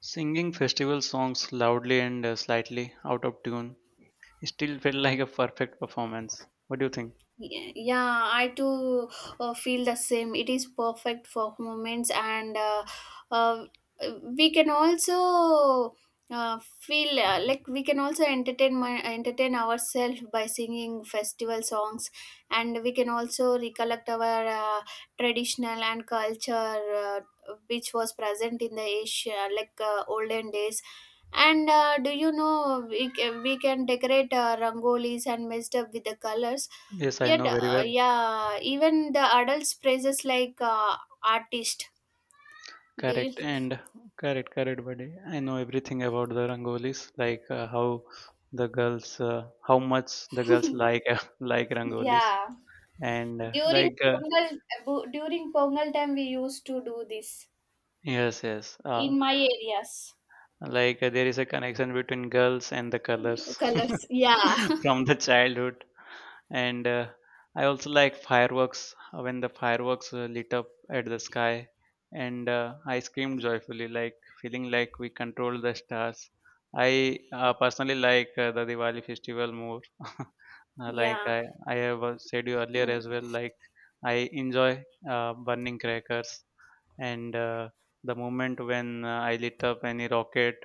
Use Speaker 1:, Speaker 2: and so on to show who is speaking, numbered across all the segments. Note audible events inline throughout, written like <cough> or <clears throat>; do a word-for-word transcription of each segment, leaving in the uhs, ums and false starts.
Speaker 1: Singing festival songs loudly and uh, slightly out of tune still felt like a perfect performance. What do you think?
Speaker 2: Ye- Yeah, I too uh, feel the same. It is perfect for moments, and uh, uh, we can also uh, feel uh, like we can also entertain my, entertain ourselves by singing festival songs, and we can also recollect our uh, traditional and culture uh, which was present in the Asia, like uh, olden days. And uh, do you know we, ca- we can decorate uh, rangolis and messed up with the colors.
Speaker 1: Yes, I
Speaker 2: Yet,
Speaker 1: know very
Speaker 2: uh,
Speaker 1: well.
Speaker 2: yeah, even the adults praises like uh, artist. Do you?
Speaker 1: Correct and correct, correct, buddy. I know everything about the rangolis, like uh, how the girls, uh, how much the girls like <laughs> like rangolis,
Speaker 2: Yeah,
Speaker 1: and uh,
Speaker 2: during
Speaker 1: like uh,
Speaker 2: Pongal, bu- during Pongal time, we used to do this
Speaker 1: yes, yes, uh,
Speaker 2: in my areas.
Speaker 1: like uh, there is a connection between girls and the colors
Speaker 2: Colors, yeah, <laughs>
Speaker 1: <laughs> from the childhood. And uh, I also like fireworks uh, when the fireworks uh, lit up at the sky, and uh, I screamed joyfully, like feeling like we control the stars. I uh, personally like uh, the Diwali festival more. <laughs> Uh, like
Speaker 2: yeah.
Speaker 1: i i have uh, said you earlier
Speaker 2: Mm,
Speaker 1: as well, like I enjoy uh, burning crackers, and uh, the moment when uh, I lit up any rocket,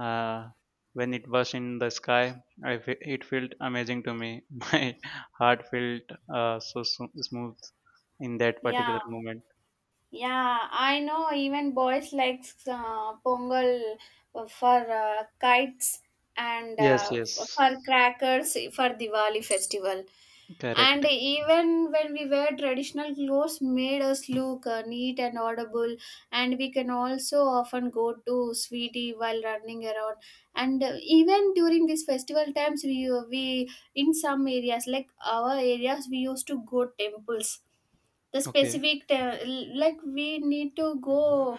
Speaker 1: uh, when it was in the sky, I fe- it felt amazing to me. <laughs> My heart felt uh, so so smooth in that
Speaker 2: yeah,
Speaker 1: particular moment.
Speaker 2: yeah. I know even boys like uh, Pongal for uh, kites and
Speaker 1: Yes,
Speaker 2: uh, f-
Speaker 1: yes,
Speaker 2: for crackers for Diwali festival. And
Speaker 1: correct.
Speaker 2: even when we wear traditional clothes, made us look uh, neat and audible. And we can also often go to sweetie while running around. And uh, even during these festival times, we uh, we in some areas like our areas, we used to go temples. The
Speaker 1: Okay,
Speaker 2: specific te- like we need to go.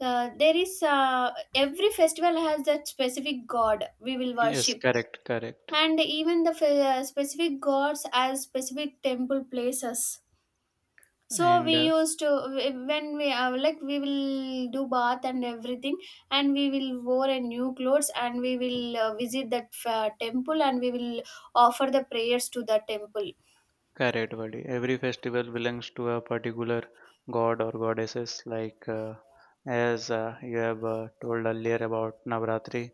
Speaker 2: Uh, there is uh, every festival has that specific god we will
Speaker 1: yes,
Speaker 2: worship,
Speaker 1: correct, correct.
Speaker 2: and even the fe- uh, specific gods as specific temple places, so we
Speaker 1: And uh,
Speaker 2: used to wh- when we uh, like we will do bath and everything, and we will wear a new clothes, and we will uh, visit that uh, temple, and we will offer the prayers to the temple.
Speaker 1: Correct, buddy. Every festival belongs to a particular god or goddesses. Like uh, as uh, you have uh, told earlier about Navratri,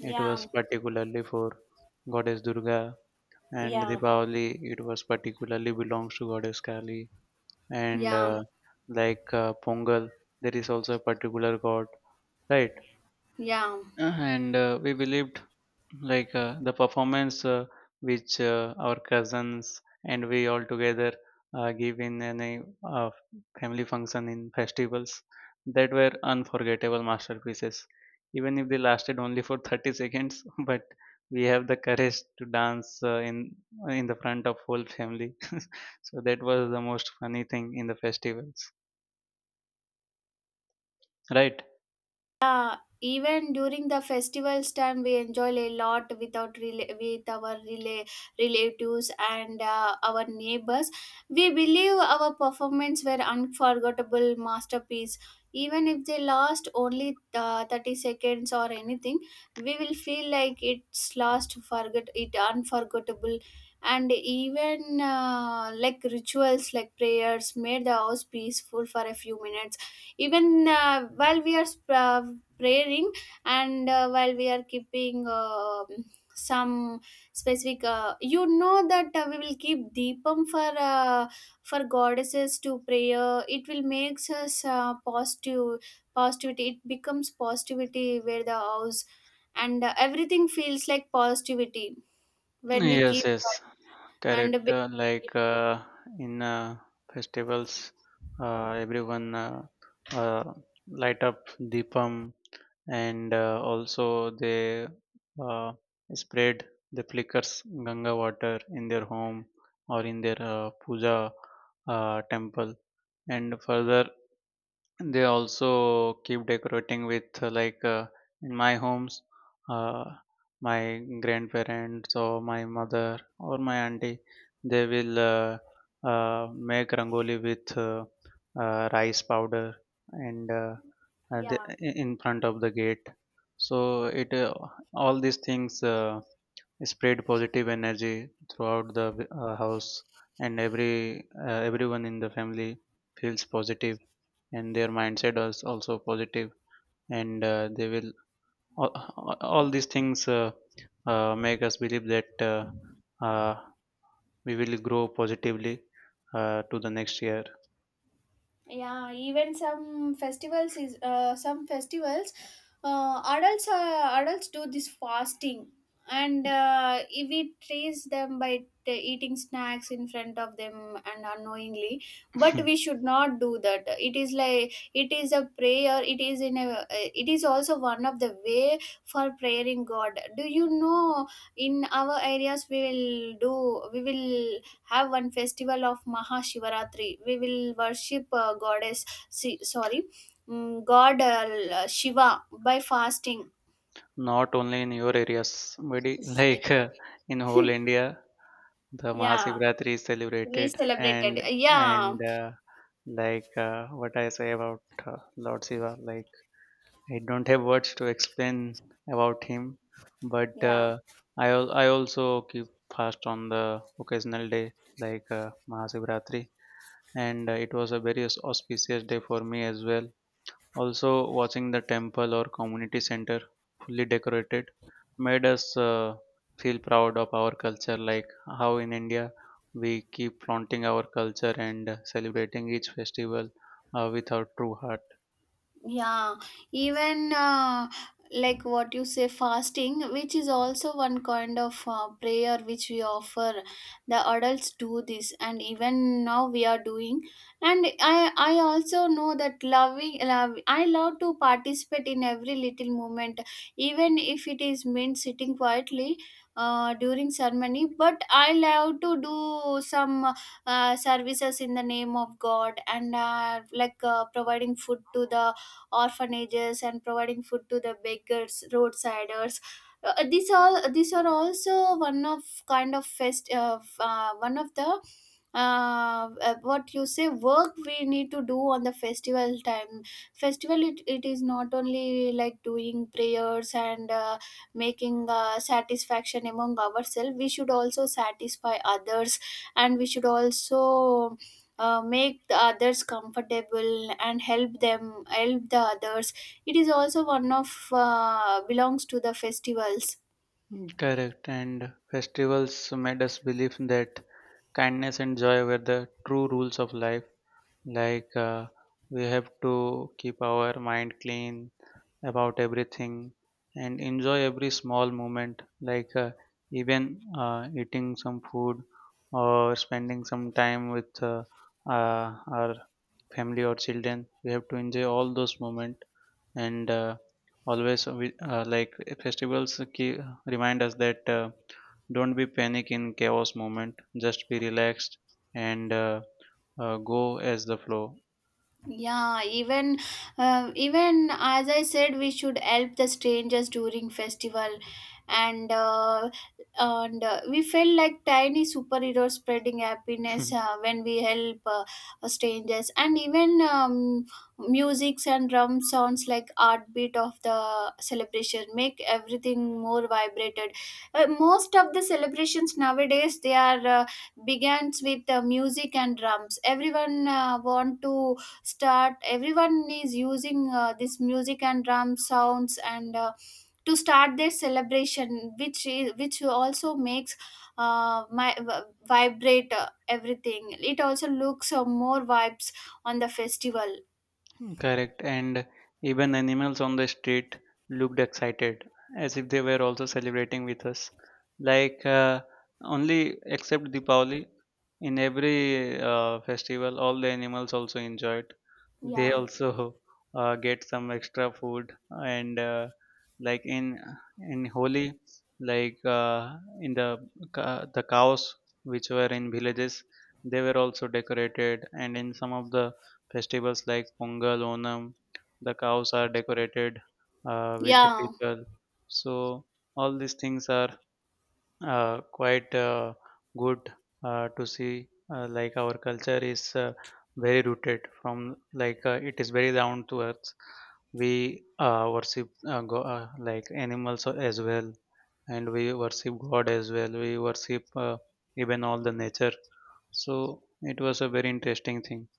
Speaker 1: it was particularly for goddess Durga, and
Speaker 2: yeah.
Speaker 1: Diwali it was particularly belongs to goddess Kali, and
Speaker 2: Yeah.
Speaker 1: uh, like uh, Pongal, there is also a particular god, right?
Speaker 2: Yeah.
Speaker 1: Uh, and uh, We believed like uh, the performance uh, which uh, our cousins and we all together uh, give in any uh, family function in festivals, that were unforgettable masterpieces even if they lasted only for thirty seconds. <laughs> But we have the courage to dance uh, in in the front of whole family. <laughs> So that was the most funny thing in the festivals, right?
Speaker 2: Yeah, even during the festivals time, we enjoy a lot without rela- with our rela- relatives and uh, our neighbors. We believe our performance were unforgettable masterpiece. Even if they last only uh, thirty seconds or anything, we will feel like it's last forget it unforgettable. And even uh, like rituals like prayers made the house peaceful for a few minutes, even uh, while we are sp- uh, praying, and uh, while we are keeping uh, some specific uh, you know that uh, we will keep deepam for uh, for goddesses to prayer, it will makes us uh, positive. Positivity, it becomes positivity where the house and uh, everything feels like positivity when we
Speaker 1: Yes,
Speaker 2: keep
Speaker 1: yes,
Speaker 2: that. and a
Speaker 1: correct.
Speaker 2: bit-
Speaker 1: Uh, like uh, in uh, festivals, uh, everyone uh, uh, light up deepam, and uh, also they uh, spread the flickers Ganga water in their home or in their uh, puja uh, temple. And further, they also keep decorating with uh, like uh, in my homes, uh, my grandparents or my mother or my auntie, they will uh, uh, make rangoli with uh, uh, rice powder and uh, uh, the,
Speaker 2: yeah.
Speaker 1: in front of the gate. So it uh, all these things uh, spread positive energy throughout the uh, house, and every uh, everyone in the family feels positive, and their mindset is also positive, and uh, they will all, all these things uh, uh, make us believe that uh, uh, we will grow positively uh, to the next year.
Speaker 2: Yeah, even some festivals is uh, some festivals uh, adults uh, adults do this fasting. And uh, if we trace them by t- eating snacks in front of them and unknowingly, but we should not do that. It is like it is a prayer, it is in a uh, it is also one of the way for praying god. Do you know, in our areas we will do, we will have one festival of Mahashivaratri. We will worship uh, goddess, si- sorry, mm, God uh, Shiva by fasting.
Speaker 1: Not only in your areas, but i- <laughs> like uh, in whole India, the
Speaker 2: Yeah,
Speaker 1: Mahashivratri is
Speaker 2: we
Speaker 1: celebrated, and
Speaker 2: celebrated. Yeah,
Speaker 1: and uh, like uh, what I say about uh, Lord Shiva, like I don't have words to explain about him, but
Speaker 2: yeah.
Speaker 1: uh, I al- I also keep fast on the occasional day, like uh, Mahashivratri, and uh, it was a very aus- auspicious day for me as well. Also, watching the temple or community center fully decorated made us uh, feel proud of our culture, like how in India we keep flaunting our culture and celebrating each festival uh, with our true heart.
Speaker 2: Yeah, even uh, like what you say, fasting, which is also one kind of uh, prayer which we offer. The adults do this, and even now we are doing. And I, I also know that loving, love, I love to participate in every little moment, even if it is meant sitting quietly. Uh, during ceremony, but I love to do some uh, services in the name of god, and uh, like uh, providing food to the orphanages and providing food to the beggars, roadsiders. Uh, these all these are also one of kind of fest uh, f- uh, one of the uh, uh, what you say work we need to do on the festival time. Festival it, it is not only like doing prayers and uh, making uh, satisfaction among ourselves. We should also satisfy others, and we should also uh, make the others comfortable and help them, help the others. It is also one of uh, belongs to the festivals.
Speaker 1: Mm, correct, and festivals made us believe that kindness and joy were the true rules of life. Like uh, we have to keep our mind clean about everything and enjoy every small moment, like uh, even uh, eating some food or spending some time with uh, uh, our family or children. We have to enjoy all those moments, and uh, always we, uh, like festivals keep, remind us that uh, don't be panic in chaos moment. Just be relaxed and uh, uh, go as the flow.
Speaker 2: Yeah, even uh, even as I said, we should help the strangers during festival, and uh, and uh, we felt like tiny superheroes spreading happiness
Speaker 1: <laughs>
Speaker 2: uh, when we help uh, uh, strangers. And even um, musics and drum sounds like heartbeat of the celebration make everything more vibrated. Uh, most of the celebrations nowadays they are uh, begins with uh, music and drums. Everyone uh, want to start, everyone is using uh, this music and drum sounds, and uh, to start their celebration, which is, which also makes uh, my v- vibrate uh, everything, it also looks uh, more vibes on the festival.
Speaker 1: Correct, and even animals on the street looked excited, as if they were also celebrating with us. Like uh, only except Deepavali, in every uh, festival, all the animals also enjoyed. They
Speaker 2: Yeah.
Speaker 1: also <laughs> uh, get some extra food, and uh, like in in Holi, like uh, in the ca- the cows which were in villages, they were also decorated, and in some of the festivals like Pongal, Onam, the cows are decorated uh, with the
Speaker 2: Yeah.
Speaker 1: people. So all these things are uh, quite uh, good uh, to see. Uh, like our culture is uh, very rooted from, like uh, it is very down to earth. We uh, worship uh, go, uh, like animals as well, and we worship God as well. We worship uh, even all the nature. So it was a very interesting thing.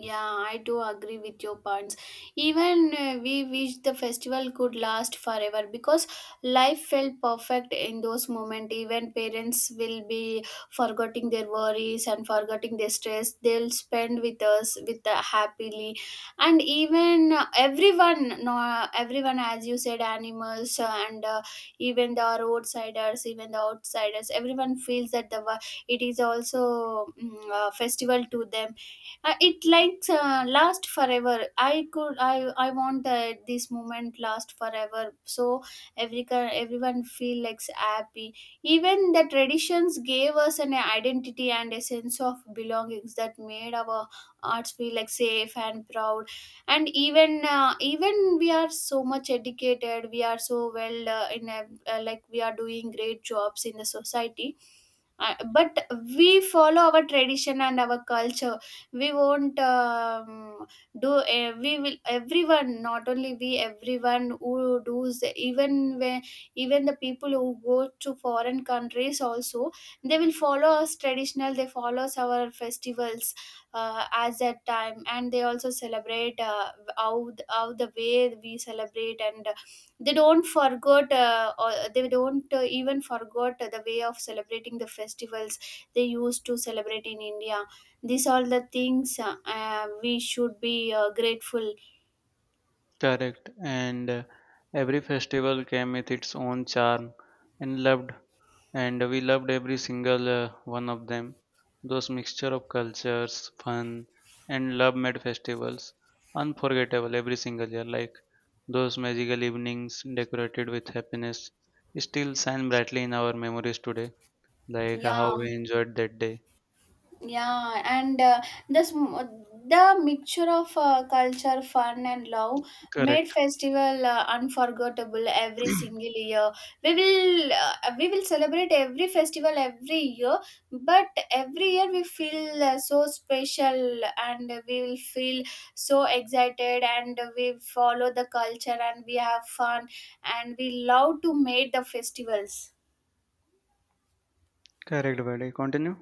Speaker 2: Yeah, I do agree with your points. Even uh, we wish the festival could last forever, because life felt perfect in those moments. Even parents will be forgetting their worries and forgetting their stress. They'll spend with us with the happily, and even uh, everyone, no, everyone, as you said, animals uh, and uh, even the roadsiders, even the outsiders, everyone feels that the wo- it is also mm, a festival to them. uh, it likes uh, last forever. I could. I I want that this moment last forever. So every cur- everyone feel like happy. Even the traditions gave us an identity and a sense of belongings that made our arts feel like safe and proud. And even uh, even we are so much educated. We are so well uh, in a, uh, like we are doing great jobs in the society. Uh, but we follow our tradition and our culture. We won't um, do uh, we will, everyone, not only we, everyone who does, even when, even the people who go to foreign countries also, they will follow us traditional, they follow us our festivals uh, as that time, and they also celebrate uh, how, th- how the way we celebrate, and uh, they don't forget uh, or they don't uh, even forget the way of celebrating the festivals they used to celebrate in india. These all the things uh, we should be uh, grateful.
Speaker 1: Correct, and uh, every festival came with its own charm and loved, and we loved every single uh, one of them. Those mixture of cultures, fun, and love made festivals unforgettable every single year. Like those magical evenings decorated with happiness still shine brightly in our memories today. Like how
Speaker 2: Yeah,
Speaker 1: we enjoyed that day.
Speaker 2: yeah, and uh, this m- the mixture of uh, culture fun and love made
Speaker 1: Correct,
Speaker 2: festival uh, unforgettable every single year. we will uh, we will celebrate every festival every year, but every year we feel uh, so special, and we will feel so excited, and we follow the culture, and we have fun, and we love to make the festivals.
Speaker 1: correct, buddy. Continue.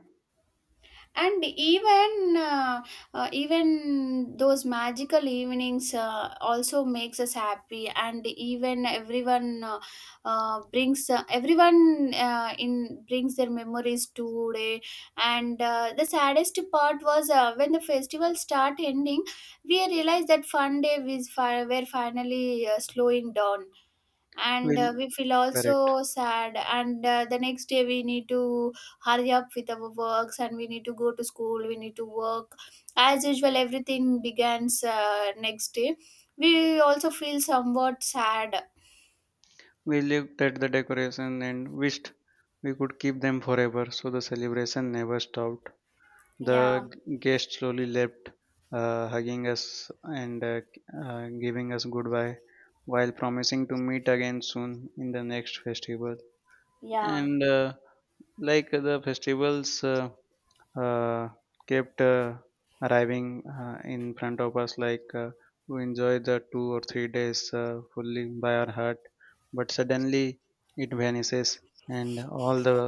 Speaker 2: And even uh, uh, even those magical evenings uh, also makes us happy, and even everyone uh, uh, brings uh, everyone uh, in brings their memories today. And uh, the saddest part was uh, when the festival start ending, we realized that fun day was fi- were finally uh, slowing down. And
Speaker 1: Will
Speaker 2: uh, we feel
Speaker 1: correct.
Speaker 2: also sad, and uh, the next day we need to hurry up with our works, and we need to go to school, we need to work as usual, everything begins uh, next day, we also feel somewhat sad.
Speaker 1: We looked at the decoration and wished we could keep them forever, so the celebration never stopped.
Speaker 2: Yeah.
Speaker 1: The guests slowly left, uh, hugging us and uh, uh, giving us goodbye, while promising to meet again soon in the next festival,
Speaker 2: Yeah.
Speaker 1: and uh, like the festivals uh, uh, kept uh, arriving uh, in front of us. Like uh, we enjoyed the two or three days uh, fully by our heart, but suddenly it vanishes, and all the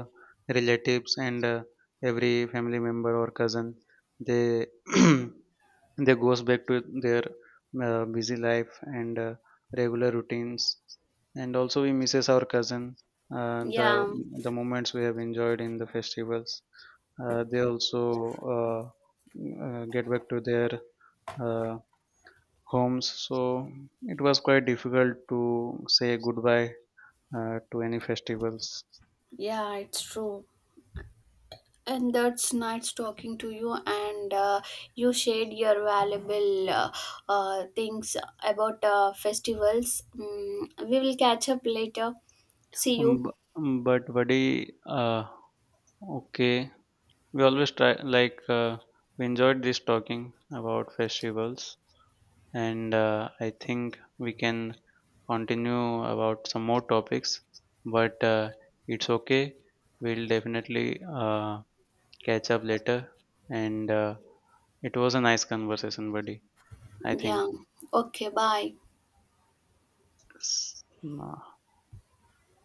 Speaker 1: relatives and uh, every family member or cousin, they <clears throat> they goes back to their uh, busy life and uh, regular routines, and also we misses our cousin. uh, the
Speaker 2: Yeah.
Speaker 1: the moments we have enjoyed in the festivals, uh, they also uh, uh, get back to their uh, homes. So it was quite difficult to say goodbye uh, to any festivals.
Speaker 2: Yeah, it's true. And that's nice talking to you, and uh, you shared your valuable uh, uh, things about uh, festivals. Mm, we will catch up later. See
Speaker 1: Um,
Speaker 2: you.
Speaker 1: b- um, but buddy, uh, okay, we always try, like uh, we enjoyed this talking about festivals, and uh, I think we can continue about some more topics, but uh, it's okay. We'll definitely uh, catch up later. And uh, It was a nice conversation, buddy. I think
Speaker 2: Yeah. Okay, bye.
Speaker 1: S- uh,